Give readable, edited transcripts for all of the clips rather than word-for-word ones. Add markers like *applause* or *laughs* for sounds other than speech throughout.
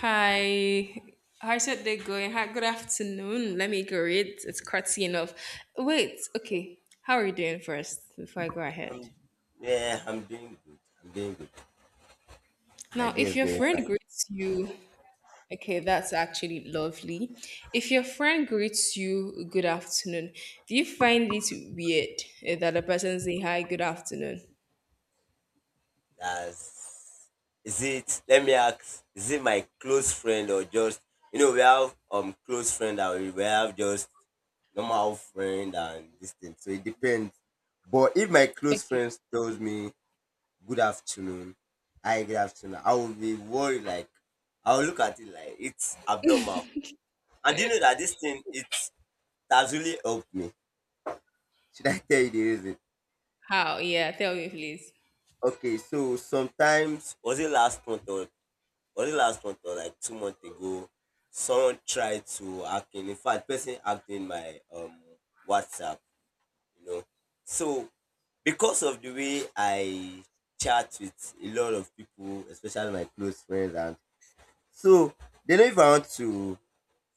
Hi. How's your day going? Hi, good afternoon. Let me go read. It's courtesy enough. Wait, okay. How are you doing first before I go ahead? I'm, yeah, I'm doing good. I'm doing good. My Now, day if is your going fine. friend greets you, okay, that's actually lovely. If your friend greets you, good afternoon, do you find it weird, that a person say hi, good afternoon? That's Is it? Let me ask. Is it my close friend or just you know we have close friend and we have just normal friend and this thing. So it depends. But if my close Okay. friend tells me good afternoon, hi good afternoon, I will be worried. Like I will look at it like it's abnormal. And do you *laughs* know that this thing it has really helped me. Should I tell you the reason? How? Yeah, tell me, please. Okay, so sometimes was it last month or was it last month or like 2 months ago? Someone tried to hack in. In fact, person hacked in my WhatsApp. You know, so because of the way I chat with a lot of people, especially my close friends, and so they know if I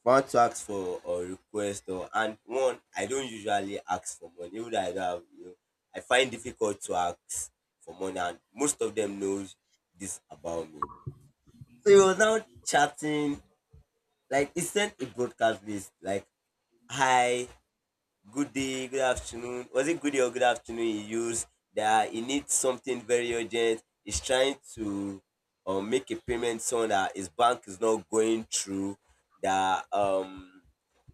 want to ask for or request or and one I don't usually ask for money even though I don't have, you know, I find difficult to ask for money and most of them knows this about me. So he was now chatting like he sent a broadcast list like hi good day, good afternoon. Was it good day or good afternoon he used that he needs something very urgent. He's trying to make a payment so that his bank is not going through that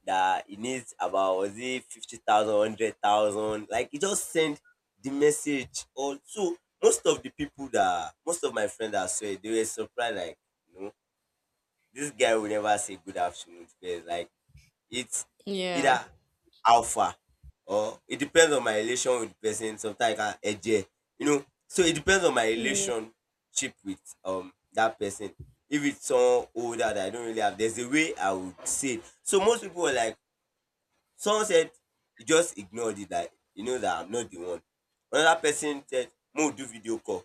that he needs about was it 50,000, like he just sent the message also most of the people that most of my friends that saw it, they were surprised like you know this guy will never say good afternoon to us. Like it's Yeah. either how far or it depends on my relation with the person. Sometimes I can ẹjẹ, you know, so it depends on my Yeah. relationship with that person. If it's someone older that I don't really have, there's a way I would say it. So most people were like someone said he just ignored it like he knows that I'm not the one. Another person said mo do video call,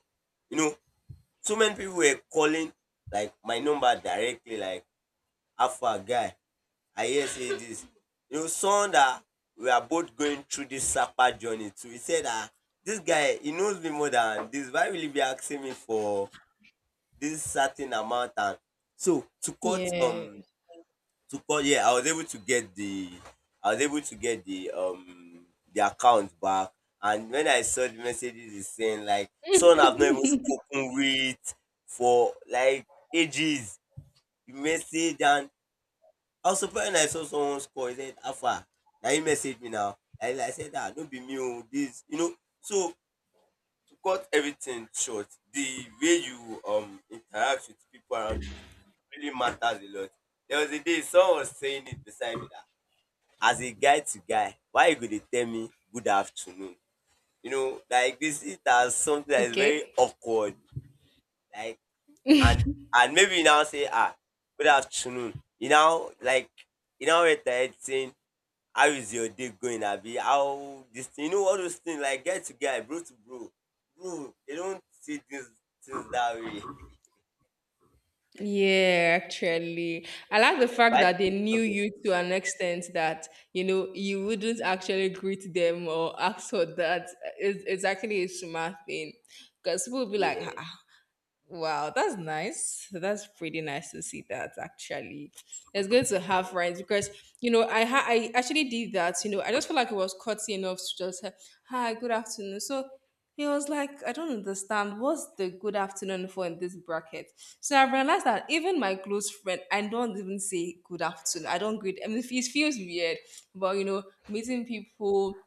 you know, so many people were calling like my number directly like how far guy I hear saying this. It was someone that we are both going through this Sapa journey too. He said that this guy, he knows me more than this. Why will he be asking me for this certain amount? And so to cut Yeah. To cut, yeah, I was able to get the I was able to get the account back. And when I saw the messages he's saying like someone I've not even *laughs* spoken with for like ages, you message and I was surprised when I saw someone score. He said, Alpha, now you message me now. I said, ah, don't be me, oh, this, you know. So, to cut everything short, the way you interact with people around you, it really matters a lot. There was a day someone was saying it beside me that, as a guy to guy, why you going to tell me good afternoon? You know, like this is as something that is very Okay. awkward. Like, and and maybe you now say, ah, good afternoon. You now like, you know, it's saying, how is your day going abi how this thing you know all those things like guy to guy bro to bro bro they don't see things that way. Yeah, actually, I like the *laughs* fact But that they knew okay, you to an extent that you know you wouldn't actually greet them or ask for that. It's actually a smart thing because people will be like, yeah, "Ah, wow, that's nice." That's pretty nice to see that actually. It's good to have yeah. friends because you know I actually did that. You know I just felt like it was courtesy enough to just say, hi, good afternoon. So he was like, I don't understand what's the good afternoon for in this bracket. So I realized that even my close friend, I don't even say good afternoon. I don't greet. I mean, it feels weird, but meeting people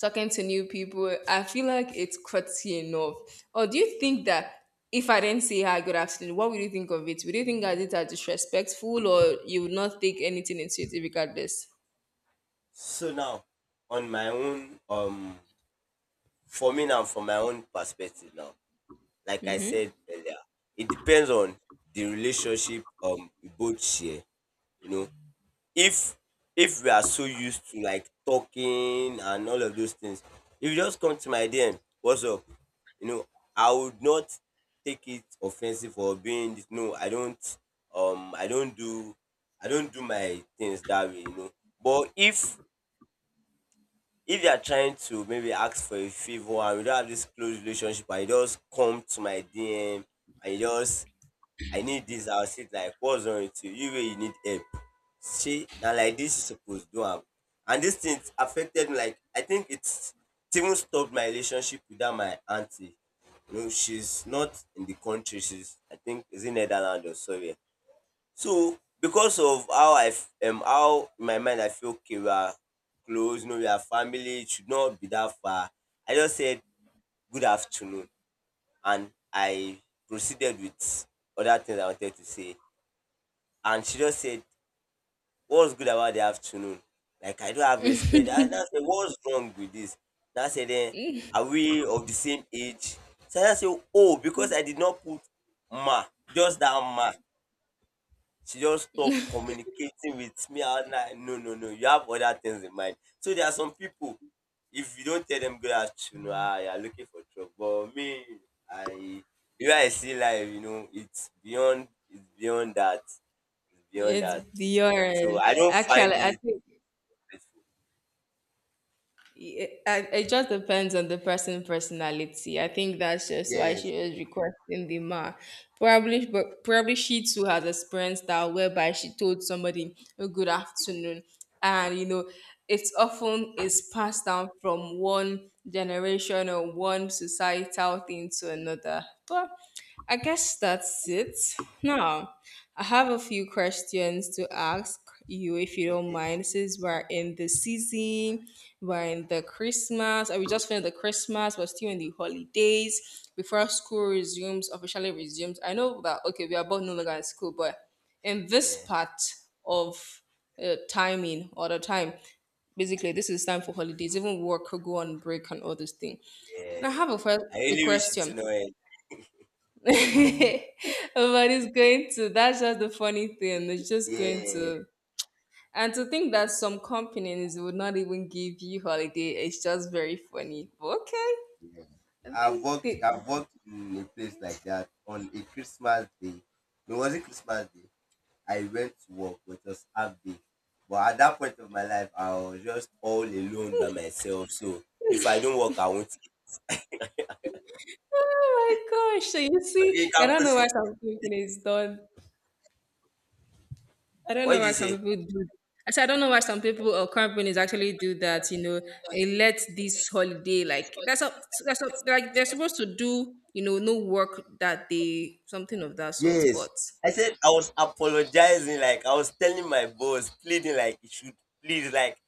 talking to new people. I feel like it's cutty enough. Or do you think that if I didn't say hi, good afternoon, what would you think of it? Would you think I did that disrespectful or you would not take anything into it regardless? So now, on my own, for me now, from my own perspective now, like I said earlier, it depends on the relationship we both share, you know. If we are so used to like talking and all of those things, if you just come to my DM, what's up? You know, I would not take it offensive or being this- no, um I don't do I don't do my things that way, you know. But if you are trying to maybe ask for a favor and we don't have this close relationship and you just come to my DM and you just I need this. I'll sit like, what's wrong with you? You really need help. See now like this you suppose do am. And this thing affected me. Like I think it's it even stopped my relationship with that my auntie. You know, she's not in the country, she's I think is in Netherlands or somewhere. So because of how how in my mind I feel okay, we are close, you know, we are family, it should not be that far. I just said good afternoon and I proceeded with other things I wanted to say and she just said, "What's good about the afternoon? Like I don't have respect." And I said, "What's wrong with this?" And I said, "Then are we of the same age?" So I said, "Oh, because I did not put ma, just that ma." She just stopped communicating with me. I was like, "No, no, no, you have other things in mind." So there are some people. If you don't tell them good afternoon, ah, you are looking for trouble. But me, I the way I see life, you know, it's beyond that. It's beyond It's that. So beyond. I don't find Actually, I it. think it just depends on the person personality. I think that's just why she Yes. was requesting the ma. Probably, but probably she too has experienced that whereby she told somebody a good afternoon, and it's often is passed down from one generation or one societal thing to another. But I guess that's it. Now, I have a few questions to ask you if you don't Okay. mind, since we're in the season, we're in the Christmas, and we just finished the Christmas, we're still in the holidays before school resumes, officially resumes. I know that, okay, we are both no longer in school, but in this Yeah. part of timing or the time, basically, this is time for holidays, even work could go on break and all this thing. Yeah. Now, I have a, fir- I a really wish it to question. know it. *laughs* But it's going to. That's just the funny thing. It's just going Yeah, to. And to think that some companies would not even give you holiday, it's just very funny. But okay, yeah. I I've think worked. the. In a place like that on a Christmas day. No, it wasn't Christmas day. I went to work, which was half day. But at that point of my life, I was just all alone by myself. So if I don't work, I won't eat. Oh my gosh! So you Okay, see, you I can don't know why proceed. some companies don't. I don't What know did why you some say? people do. I said I don't know why some people or companies actually do that. You know, they let this holiday like that's up. That's up. Like they're supposed to do. You know, no work that day, something of that sort. But Yes. I said I was apologizing, like I was telling my boss, pleading like it should please, like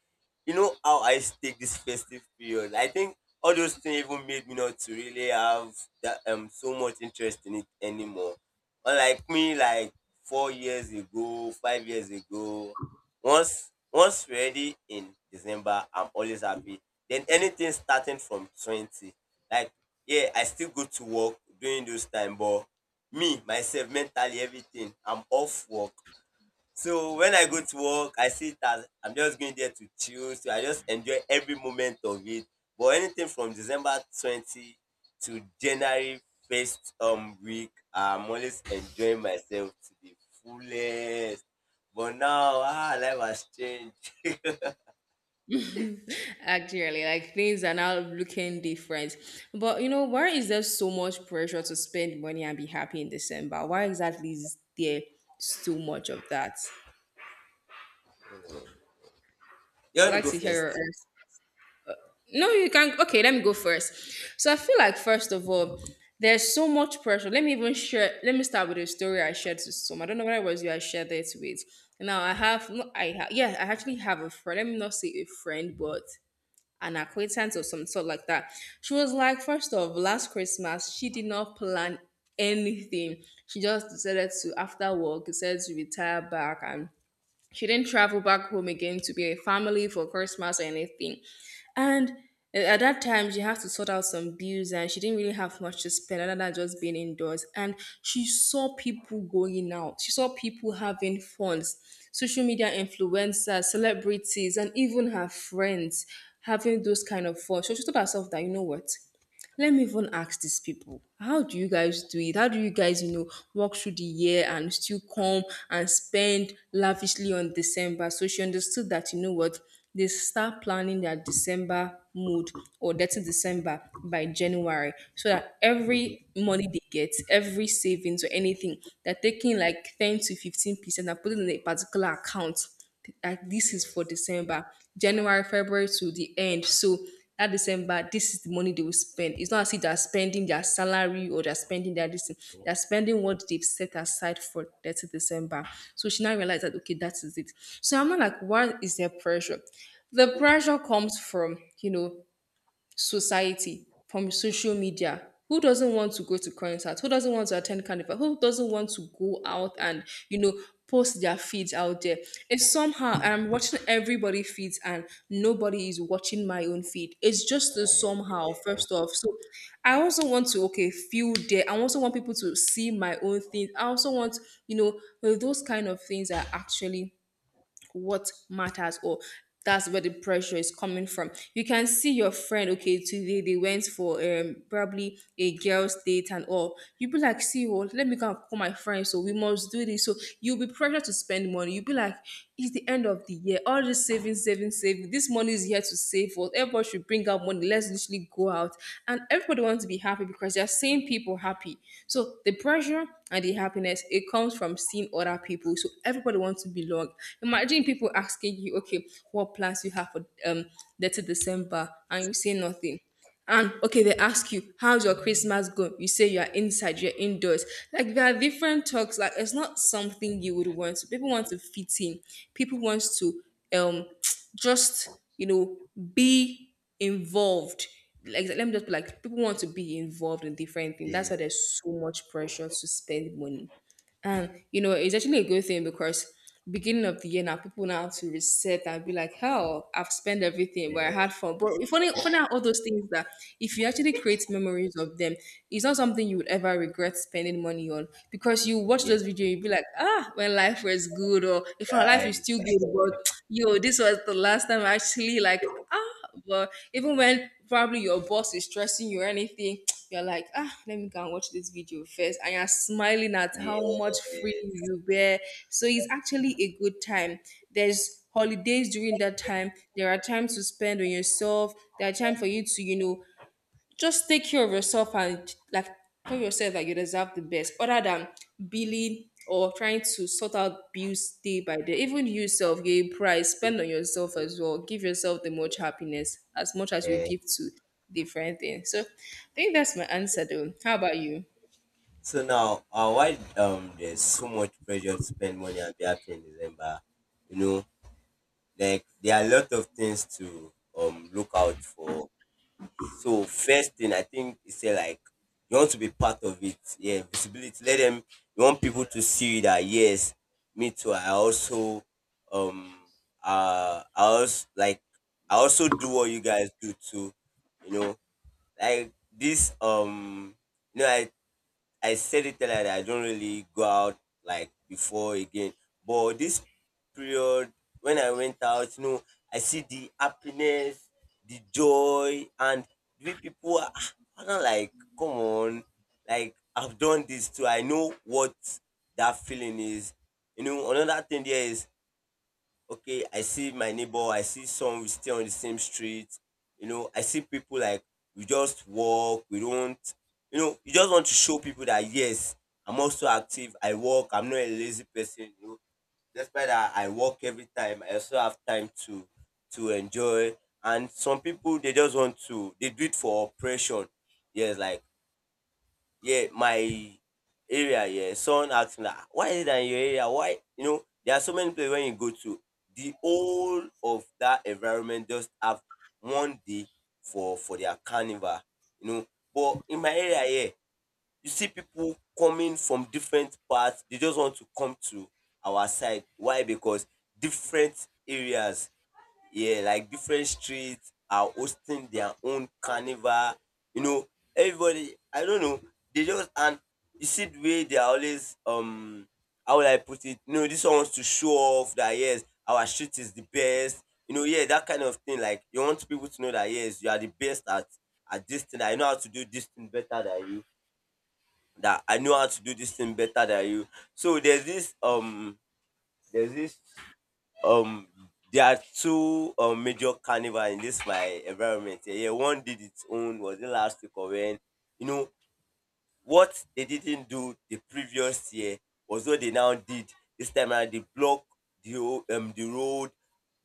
you know how I take this festive period. I think all those things even made me not to really have that so much interest in it anymore. Unlike me, like 4 years ago, 5 years ago, once ready in December, I'm always happy. Then anything starting from 20, like yeah, I still go to work during those time, but me myself mentally everything I'm off work. So when I go to work I see it as I'm just going there to chill so I just enjoy every moment of it. But anything from December 20 to January first week I'm always enjoying myself to the fullest. But now, ah, life has changed. *laughs* actually, like things are now looking different. But you know, why is there so much pressure to spend money and be happy in December? Why exactly is there so much of that? You I'd want to like go to hear first. your answer. No, you can. Okay, let me go first. So I feel like first of all, there's so much pressure. Let me even share. Let me start with a story I shared to some. I don't know whether it was you I shared it with. Now I have no. Yeah. I actually have a friend. Let me not say a friend, but an acquaintance or some sort like that. She was like, first off, last Christmas, she did not plan anything. She just decided to, after work, decided to retire back and she didn't travel back home again to be a family for Christmas or anything. And at that time, she had to sort out some bills and she didn't really have much to spend other than just being indoors. And she saw people going out, she saw people having fun, social media influencers, celebrities, and even her friends having those kind of fun. So she told herself that, you know what? Let me even ask these people, how do you guys do it? How do you guys, walk through the year and still come and spend lavishly on December? So she understood that, you know what, they start planning their December mood or 30 December by January so that Mhm. every money they get, every savings or anything, they're taking like 10 to 15% and putting in a particular account like this is for Yes, December, January, February to the end. So that December, this is the money they will spend. It's not as if they're spending their salary or they're spending their this thing. They're spending what they've set aside for 30 December. So she now realized that, okay, that is it. So I'm not like, why is there pressure? The pressure comes from, society, from social media. Who doesn't want to go to concerts? Who doesn't want to attend carnival? Who doesn't want to go out and, you know, post their feeds out there? And somehow I'm watching everybody feeds and nobody is watching my own feed. It's just the somehow, first off. So I also want to, okay, feel there. I also want people to see my own things. I also want, you those kind of things are actually what matters or that's where the pressure is coming from. You can see your friend, okay, today they went for probably a girl's date and all. You be like, see what, let me go and call my friend. So we must do this. So you'll be pressured to spend money. You'll be like, it's the end of the year. All this saving, saving, saving. This money is here to save for. Everyone should bring out money. Let's literally go out. And everybody wants to be happy because they're seeing people happy. So the pressure and the happiness, it comes from seeing other people. So everybody wants to belong. Imagine people asking you, okay, what plans you have for 30 December, and you say nothing. And okay, they ask you, how's your Christmas going? You say you're inside, you're indoors. Like there are different talks, like it's not something you would want. So people want to fit in. People want to, um *tsk* just be involved. Like let me just put like people want to be involved in different things. That's why yes, there's so much pressure to spend money. And it's actually a good thing because beginning of the year now, people now have to reset and be like, hell, I've spent everything, but I yes, had fun. But if only funny how all those things that if you actually create memories of them, it's not something you would ever regret spending money on. Because you watch yes, those videos, you'll be like, ah, when life was good, or if our life is try. still good, but *tsk* yo, this was the last time I actually like ah, but even when probably your boss is stressing you or anything, you're like, ah, let me go and watch this video first. And you're smiling at how *laughs* much free Yes, you were. So it's actually a good time. There's holidays during that time. There are times to spend on yourself. There are times for you to, just take care of yourself and like tell yourself that you deserve the best other than billing or trying to sort out bills day by day. Even you yourself, you price spend on yourself as well, give yourself the much happiness as much as you yes. give to different things. So I think that's my answer, though. How about you? So now, why there's so much pressure to spend money and be happy in December, you know, like there are a lot of things to look out for. So first thing I think is say like you want to be part of it. Yeah, visibility. Let them. You want people to see that yes, me too. Um I also like I also do what you guys do too. You know, like this you know I said it earlier that I don't really go out like before again. But this period when I went out, you know, I see the happiness, the joy, and the way people are ah, I'm not like, come on, like I've done this too. I know what that feeling is. You know, another thing there is okay, I see my neighbor, I see some we stay on the same street, you know, I see people like we just walk, we don't, you know, you just want to show people that yes, I'm also active, I walk, I'm not a lazy person, you know. Despite that I walk every time, I also have time to enjoy. And some people they just want to they do it for oppression. Yes, like yeah, my area, yeah, someone asked me, like, why is it that in your area? Why? You know, there are so many places when you go to, the whole of that environment just have one day for their carnival, you know. But in my area here, you see people coming from different parts. They just want to come to our side. Why? Because different areas yeah, like different streets are hosting their own carnival. You know, everybody, I don't know, they just, and you see the way they are always, how will I put it? You know, this one wants to show off that, yes, our street is the best. You know, yeah, that kind of thing. Like, you want people to know that, yes, you are the best at this thing. I know how to do this thing better than you. That I know how to do this thing better than you. So there's this um there are two major carnival in this my environment here. Yeah, one did its own. Was it last week or when you know what they didn't do the previous year was what they now did this time around? They block the road.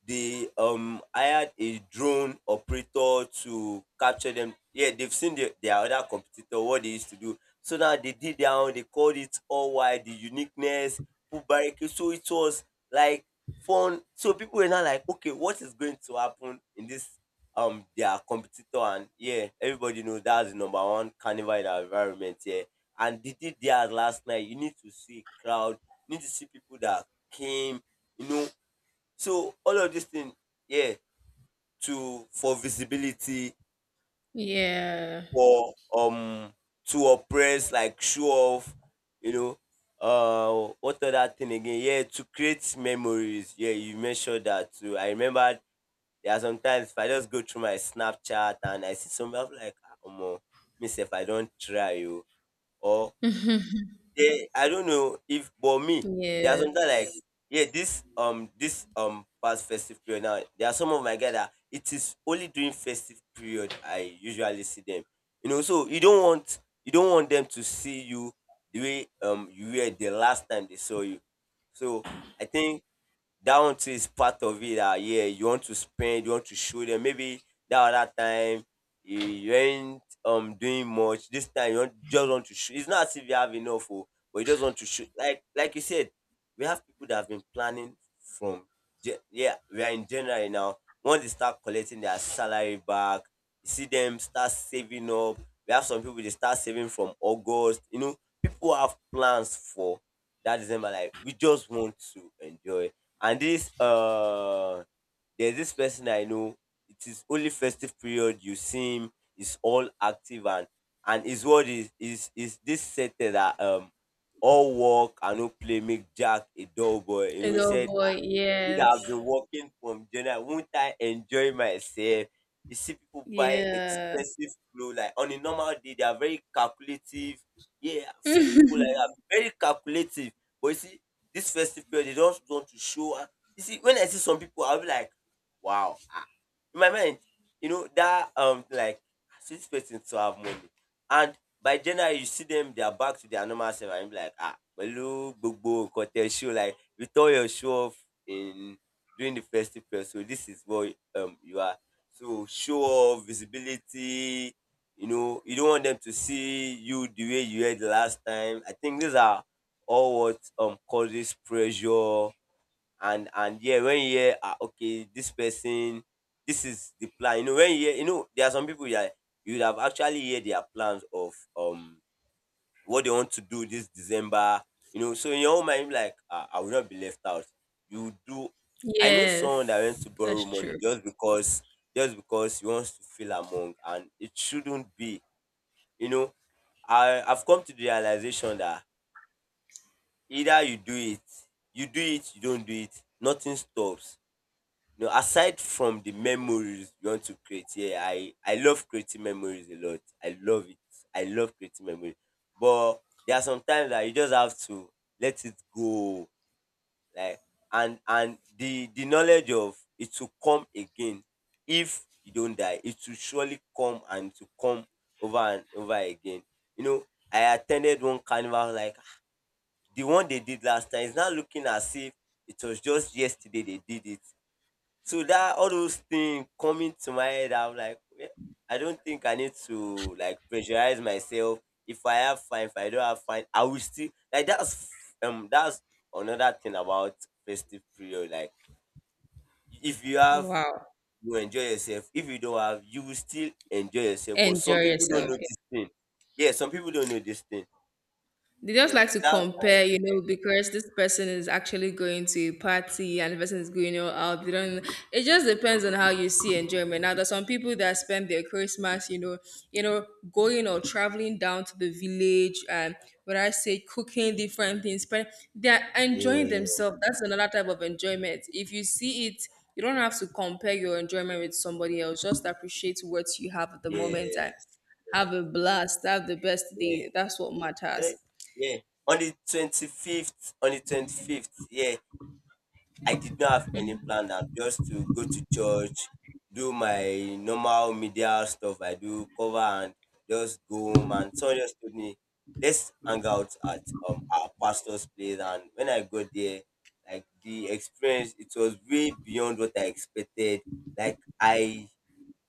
They hired a drone operator to capture them. Yeah, they've seen their other competitor, what they used to do. So now they did their own. They called it all wide the uniqueness, put barricade. So it was like fun. So people were now like, okay, what is going to happen in this their competitor? And yeah, everybody knows that's the number one carnival in our environment here. And they did theirs last night. You need to see crowd. You need to see people that came you know So all of these things, yeah, to for visibility, Yeah. for to oppress, like show off, you know. What other thing again? Yeah, to create memories. Yeah, you mentioned that too. I remember there are sometimes if I just go through my Snapchat and I see somebody I'm like, oh, myself, I don't try you, or yeah, I don't know if but me, there are sometimes Yes. like, yeah, this this past festive period now, there are some of my guys that it is only during festive period I usually see them. You know, so you don't want them to see you the way you were the last time they saw you. So I think that one too is part of it, that yeah, you want to spend, you want to show them maybe that other time you ain't doing much. This time you want, just want to show it's not as if you have enough, oh, but you just want to show, like you said, we have people that have been planning from yeah, we are in January now. Once they start collecting their salary back, you see them start saving up. We have some people, they start saving from August, you know. People have plans for that December, like, we just want to enjoy. And this There's this person I know, it is only festive period you see him, he's all active. And his word is this set, that all work and no play make Jack a dull boy. You know, he Adult said, boy. "I've Yes. been working from January. Won't I enjoy myself?" You see people buy Yeah. expensive clothes. Like on a normal day, they are very calculative. Yeah, I've seen people like that, very calculative. But you see, this festive period, they don't want to show. Ah. You see, when I see some people, I'll be like, wow. Ah. In my mind, that like, I see this person to have money. And by January, you see them, they are back to their normal self. And you be like, ah, hello, gbogbo, nkan tẹ show, like, with all your show off in during the festive period. So this is what you are. So show off, visibility. You know, you don't want them to see you the way you were the last time. I think these are all what causes pressure. And yeah, when you hear, ah, okay, this person, this is the plan. You know, when you hear, there are some people that you would have actually heard their plans of what they want to do this December, So in your own mind, like, ah, I will not be left out. You do. I know someone that went Yes. to borrow That's money, true. Just because he wants to feel among, and it shouldn't be. You know, I've come to the realization that either you do it, you don't do it, nothing stops. No, aside from the memories you want to create, yeah, I love creating memories a lot. I love it. I love creating memories. But there are some times that you just have to let it go. Like and the knowledge of it will come again. If you don't die, it will surely come, and to come over and over again. You know, I attended one carnival, like the one they did last time. It's now looking as if it was just yesterday they did it, so that all those things coming to my head, I'm like, "Yeah, I don't think I need to, like, pressurize myself. If I have, fine, if I don't have, fine, I will still, like, that's another thing about festive period. Like, if you have, Wow. you enjoy yourself. If you don't have, you will still enjoy yourself. But some Enjoy people don't yourself. know this thing. Yeah, some people don't know this thing. They You just know, like so to that's compare, you why- know, because this person is actually going to a party and the person is going out. They don't. It just depends on how you see enjoyment. Now, there's some people that spend their Christmas, you know, going or traveling down to the village and when I say cooking different things, but they're yeah, enjoying yeah, themselves. That's another type of enjoyment. If you see it, you don't have to compare your enjoyment with somebody else. Just appreciate what you have at the moment and yes, have yes, a blast. Have the best yes. day. That's what matters. Eh, yeah. On the 25th, yeah, I did not have any plan, that just to go to church, do my normal media stuff I do, cover, and just go home. And someone just told me, let's hang out at our pastor's place. And when I got there, like, the experience, it was way beyond what I expected. Like, I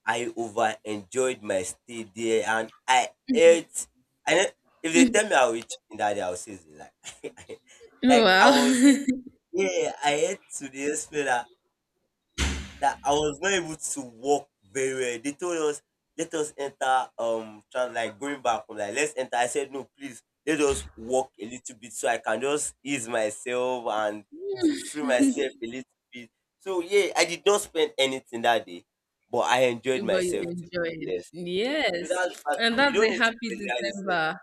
I over enjoyed my stay there. And I ate, I know, if they tell me I'll eat chicken that day, I'll say it's a lie. *laughs* Like I Wow. was, *laughs* yeah, I ate to the extent that, I was not able to walk very well. They told us, let us enter trans, like, going back home, like, let's enter. I said, no, please, let us walk a little bit so I can just ease myself and to free myself a little bit. So yeah, I did not spend anything that day, but I enjoyed But you myself to the enjoy it. fullest. So Yes. that's bad And though. You that's don't a need to happy penalize yourself. December.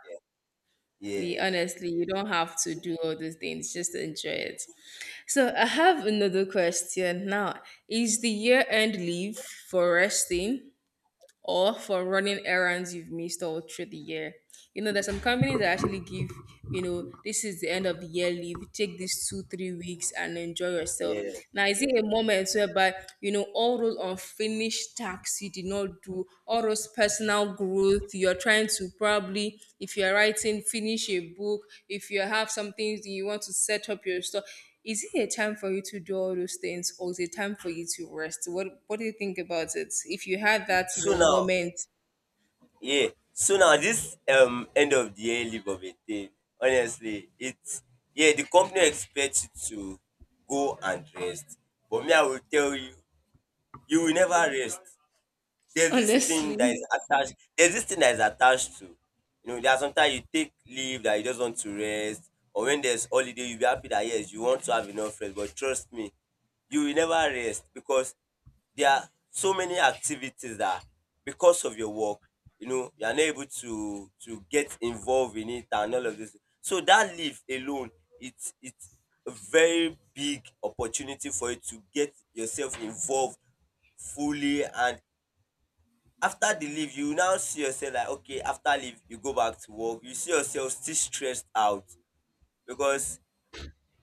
Yes. Honestly, you don't have to do all these things, just enjoy it. So, I have another question now. Is the year end leave for resting, or for running errands you've missed all through the year? You know, there's some companies that actually give, this is the end of the year leave, take these 2, 3 weeks and enjoy yourself. Yes. Now, is Yeah. it a moment whereby, you know, all those unfinished tasks you did not do, all those personal growth, you're trying to probably, if you're writing, finish a book, if you have something you want to set up your store, is it a time for you to do all those things or is it time for you to rest? What do you think about it? If you had that, you So know, now, moment yeah. So now this end of the year leave of a thing, honestly, it's, yeah, the company expects you to go and rest. But me, I will tell you, you will never rest. Honestly. There's this thing that is attached to, there are sometimes you take leave that you just want to rest, or when there's holiday you be happy that yes, you want to have enough rest. But trust me, you will never rest, because there are so many activities that because of your work, you know, you are not able to get involved in it, and all of this. So that leave alone, it's a very big opportunity for you to get yourself involved fully. And after the leave you now see yourself like, okay, after leave you go back to work, you see yourself still stressed out, because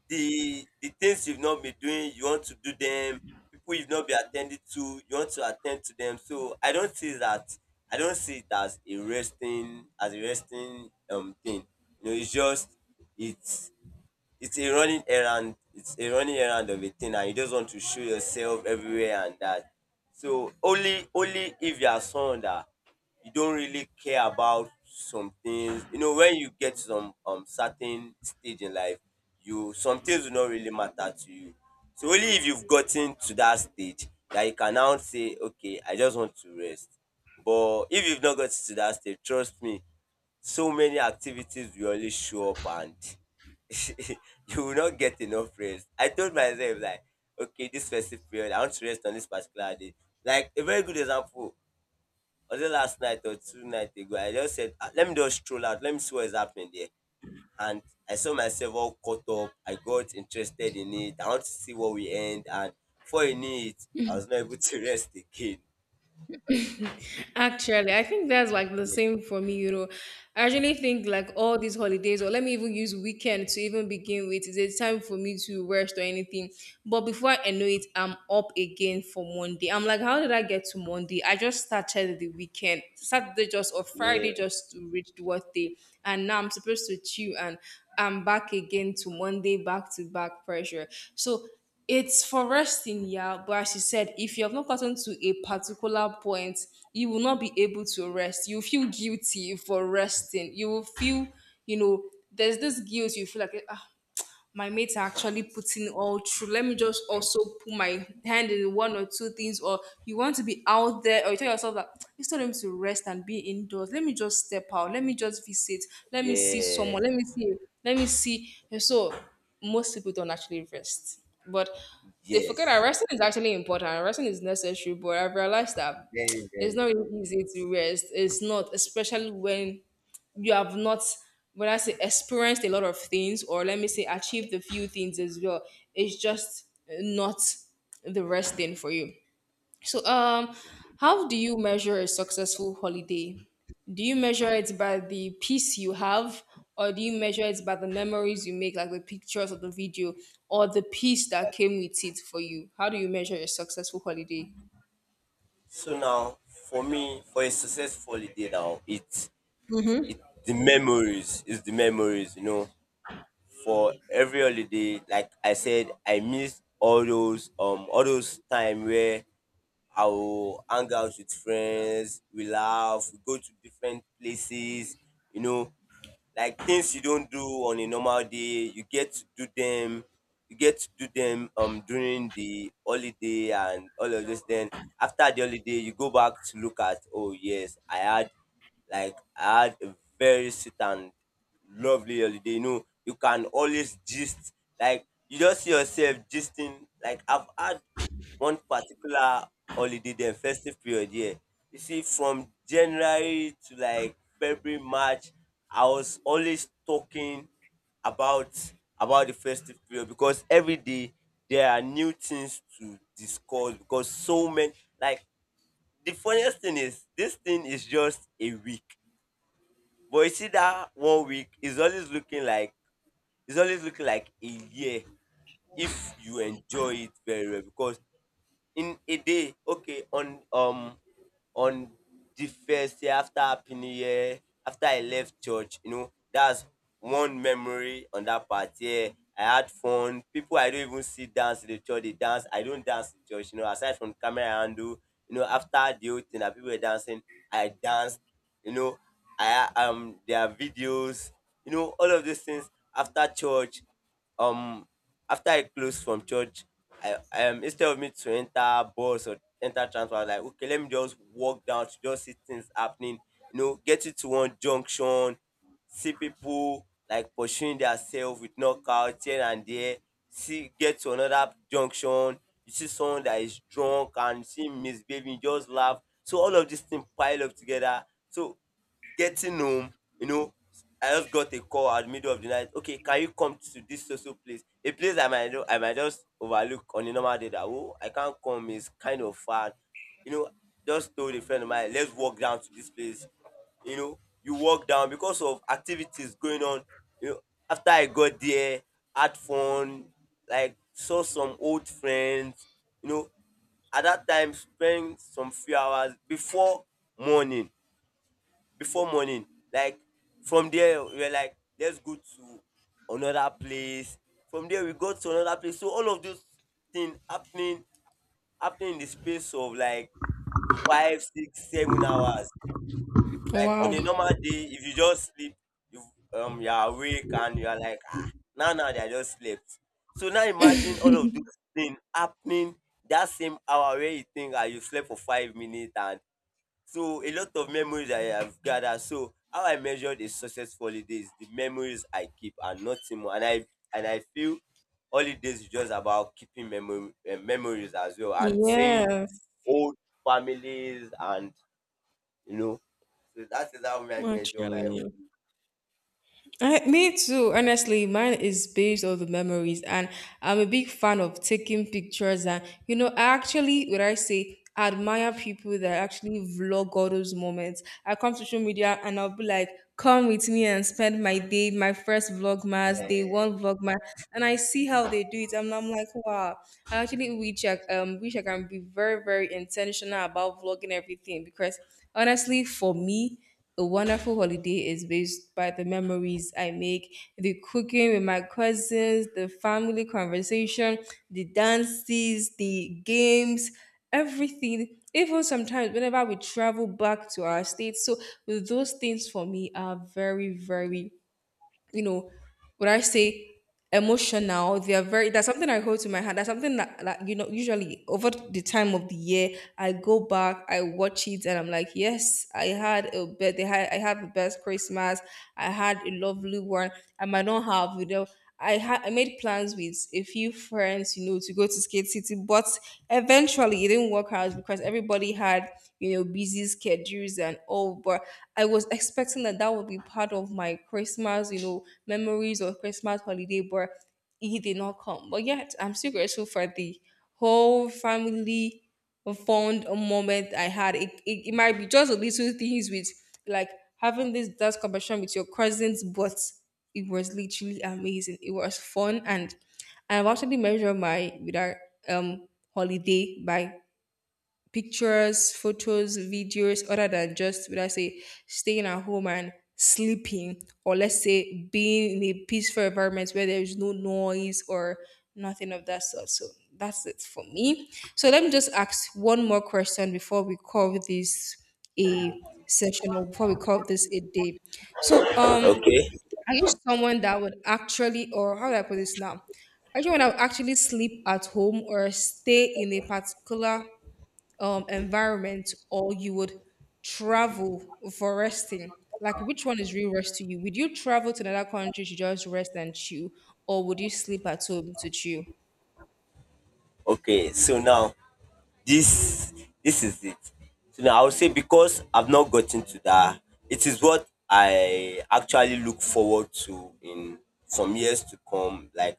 the things you've not been doing you want to do them, people you've not been attending to you want to attend to them. So I don't see that, I don't see it as a resting, as a resting thing. You know, it's just, it's it's a running errand, of a thing, and you just want to show yourself everywhere and that. So only, if you are someone that you don't really care about some things, you know, when you get some certain stage in life, you, some things will not really matter to you. So only if you've gotten to that stage that you can now say, okay, I just want to rest. But if you've not gotten to that stage, trust me, so many activities will only show up, and *laughs* you will not get enough rest. I told myself like, okay, this festive period, I want to rest on this particular day. Like a very good example, was it last night or two nights ago? I just said, "Ah, let me just stroll out, let me see what is happening there." And I saw myself all caught up. I got interested in it. I want to see what we end. And before you knew it, I was not able to *laughs* rest again. Actually, I think that's like the Yeah, same for me, you know. I actually think like all these holidays, or let me even use weekend to even begin with, is a time for me to rest or anything. But before I know it, I'm up again for Monday. I'm like, how did I get to Monday? I just started the weekend, Saturday just or yeah, Friday just to reach the workday, and now I'm supposed to chill and I'm back again to Monday, back to back pressure. So it's for resting, yeah. But as you said, if you have not gotten to a particular point, you will not be able to rest. You feel guilty for resting. You will feel, you know, there's this guilt you feel like, ah, my mates are actually putting all through. Let me just also put my hand in one or two things, or you want to be out there, or you tell yourself that it's time to rest and be indoors. Let me just step out. Let me just visit. Let me see yeah, someone. Let me see. Let me see. And so most people don't actually rest, but they forget that yes. resting is actually important. Resting is necessary, but I've realized that Very, it's not very. really easy to rest. It's not, especially when you have not when I say experienced a lot of things or let me say achieved a few things as well. It's just not the rest thing for you. So how do you measure a successful holiday? Do you measure it by the peace you have or do you measure it by the memories you make like the pictures or the video or the peace that came with it for you? How do you measure a successful holiday? So now, for me, for a successful holiday now, it's the memories. It's the memories, you know. For every holiday, like I said, I miss all those time where I will hang out with friends, we laugh, we go to different places, you know, like, things you don't do on a normal day you get to do them, during the holiday and all of this. Then after the holiday you go back to look at, oh yes, I had, like, I had a very sweet and lovely holiday. You know, you can always gist, like, you just see yourself gisting, like, I've had one particular holiday, then festive period, yeah. You see, from January to like February, March, I was always talking about about the festive period, because every day there are new things to discuss. Because so many, like the funniest thing is, this thing is just a week, but you see that one week is always looking like, it's always looking like a year, if you enjoy it very well. Because in a day, okay, on on the first day after happy new year, after I left church, you know, that's one memory, on that party, yeah. I had fun. People I don't even see dance in the church, they dance. I don't dance in church, you know, aside from camera handle. You know, after the whole thing that people were dancing, I danced, you know. I There are videos, you know, all of these things after church. um After I close from church, I instead of me to enter bus or enter transport, I was like, okay, let me just walk down to just see things happening. You know, get it to one junction, see people like pursuing themselves with knockout here and there. See, get to another junction, you see someone that is drunk and you see him misbehaving, you just laugh. So all of these things pile up together. So getting home, you know, I just got a call at the middle of the night. Okay, can you come to this social place? A place I might, I might just overlook on a normal day, that oh I can't come, it's kind of far. You know, just told a friend of mine, let's walk down to this place. You know, you walk down because of activities going on. You know, after I got there, had fun, like saw some old friends, you know, at that time spent some few hours before morning before morning. Like from there, we were like, let's go to another place. From there, we got to another place. So all of those things happening in the space of like five, six, 7 hours. Like on Wow. a normal day, if you just sleep, you you're awake and you're like, ah, now that I just slept. So now imagine all of those things happening that same hour where you think ah, you slept for 5 minutes. And so a lot of memories I have gathered. So how I measure the successful holiday is the memories I keep and nothing more. And I feel holidays is just about keeping memory, memories as well, and seeing Yes, old families and you know. So that is how I measure my actually. own. I, me too. Honestly, mine is based on the memories, and I'm a big fan of taking pictures. And you know, I actually, what I say, admire people that actually vlog all those moments. I come to social media and I'll be like, "Come with me and spend my day, my first vlogmas, day one vlogmas," and I see how they do it, and I'm like, "Wow!" I actually wish I can be very, very intentional about vlogging everything because honestly, for me. A wonderful holiday is based by the memories I make, the cooking with my cousins, the family conversation, the dances, the games, everything. Even sometimes, whenever we travel back to our state, so those things for me are very, very, you know, would I say emotional? They are very, that's something I hold to my heart. That's something that, that, you know, usually over the time of the year, I go back, I watch it, and I'm like, yes, I had a bet, They had, I had the best Christmas. I had a lovely one. I might not have, you know. I had I made plans with a few friends, you know, to go to Skate City, but eventually it didn't work out because everybody had, you know, busy schedules and all. But I was expecting that that would be part of my Christmas, you know, memories or Christmas holiday, but it did not come. But yet, I'm still grateful for the whole family a fond moment I had. It might be just a little things with like having this dance competition with your cousins, but it was literally amazing. It was fun and I've actually measured my without um holiday by pictures, photos, videos, other than just would I say staying at home and sleeping, or let's say being in a peaceful environment where there is no noise or nothing of that sort. So that's it for me. So let me just ask one more question before we call this a session or before we call this a day. So Okay. are you someone that would actually or how do I put this now? Are you someone that would actually sleep at home or stay in a particular environment or you would travel for resting? Like, which one is real rest to you? Would you travel to another country to just rest and chill, or would you sleep at home to chill? Okay, so now, this this is it. So now I would say, because I've not gotten to that, it is what I actually look forward to in some years to come. Like,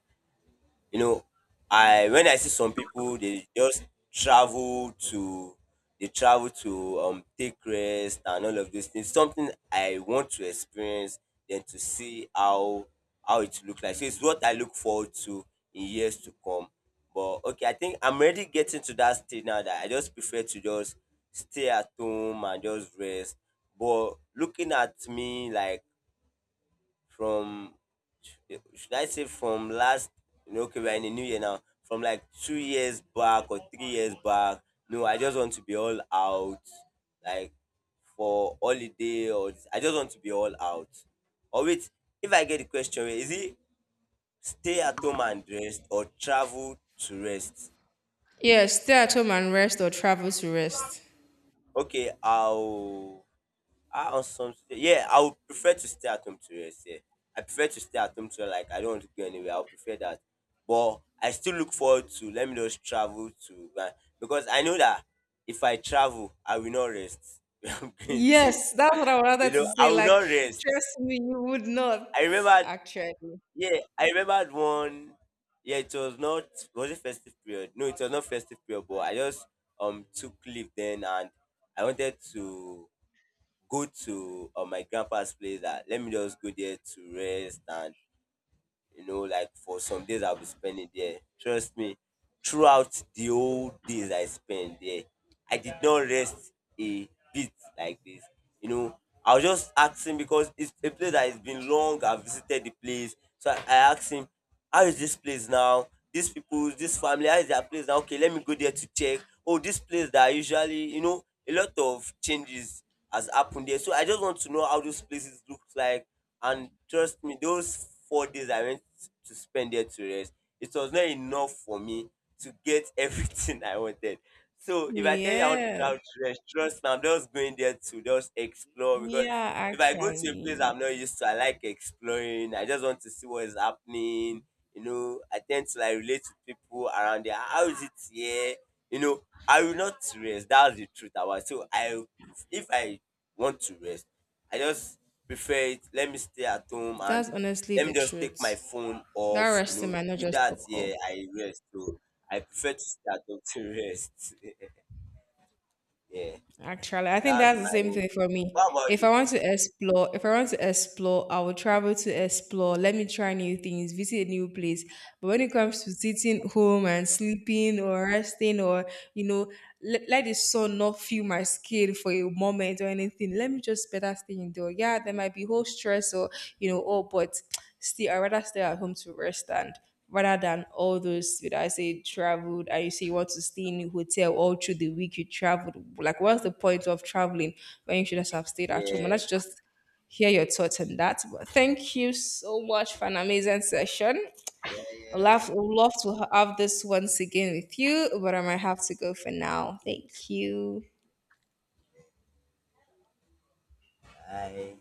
you know, I when I see some people, they just travel to, they travel to take rest and all of those things. Something I want to experience, then to see how it look like. So it's what I look forward to in years to come. But okay, I think I'm already getting to that stage now that I just prefer to just stay at home and just rest. But looking at me like, from, should I say from last you know, okay, we're in the new year now. From like 2 years back or 3 years back. No, I just want to be all out. Like for holiday or this. I just want to be all out. Or wait, if I get the question, wait, is it stay at home and rest or travel to rest? Yes, stay at home and rest, or travel to rest. Okay, I'll Ah, on some, yeah, I would prefer to stay at home to rest. Yeah, I prefer to stay at home to, like, I don't want to go anywhere. I would prefer that, but I still look forward to let me just travel to, because I know that if I travel, I will not rest. *laughs* I'm going to, Yes, that's what I you wanted to know, I say. will Like, not rest. trust me, you would not I remember, actually. yeah, I remembered one. Yeah, it was not, was it festive period? No, it was not festive period. But I just took leave then, and I wanted to go to, my grandpa's place, that let me just go there to rest and you know, like for some days I'll be spending there. Trust me, throughout the whole days I spent there, I did not rest a bit like this. You know, I was just asking because it's a place that has been long. I've visited the place, so I asked him, "How is this place now? These people, this family, how is their place now? Okay, let me go there to check." Oh, this place that I usually, you know, a lot of changes has happened there. So I just want to know how those places look like. And trust me, those 4 days I went to spend there to rest, it was not enough for me to get *laughs* everything I wanted. So if I tell you I want to Yeah, travel to rest, trust me, I'm just going there to just explore. Because yeah, if I go to a place actually, I'm not used to, I like exploring. I just want to see what is happening. You know, I tend to like relate to people around there. How is it here? You know, I will not rest. That's the truth about it. So I, if I want to rest, I just prefer it. Let me stay at home and that's honestly let the me just take my truth. phone That off. You resting know, might not with just that, occur. yeah, I rest. So I prefer to stay at home to rest. *laughs* Yeah. Actually, So I think that's that's the my same own. thing for me. What about If you? I want to explore, if I want to explore, I will travel to explore. Let me try new things, visit a new place. But when it comes to sitting home and sleeping or resting or, you know, let, let the sun not feel my skin for a moment or anything, let me just better stay indoor. Yeah, there might be whole stress or, you know, oh, but still, I'd rather stay at home to rest and rather than all those that I say traveled and you say you want to stay in a hotel all through the week you traveled. Like what's the point of traveling when you should just have stayed at home? Yeah. And that's just hear your thoughts on that. But thank you so much for an amazing session. Yeah, I'd yeah. love, would love to have this once again with you, but I might have to go for now. Thank you. Đấy.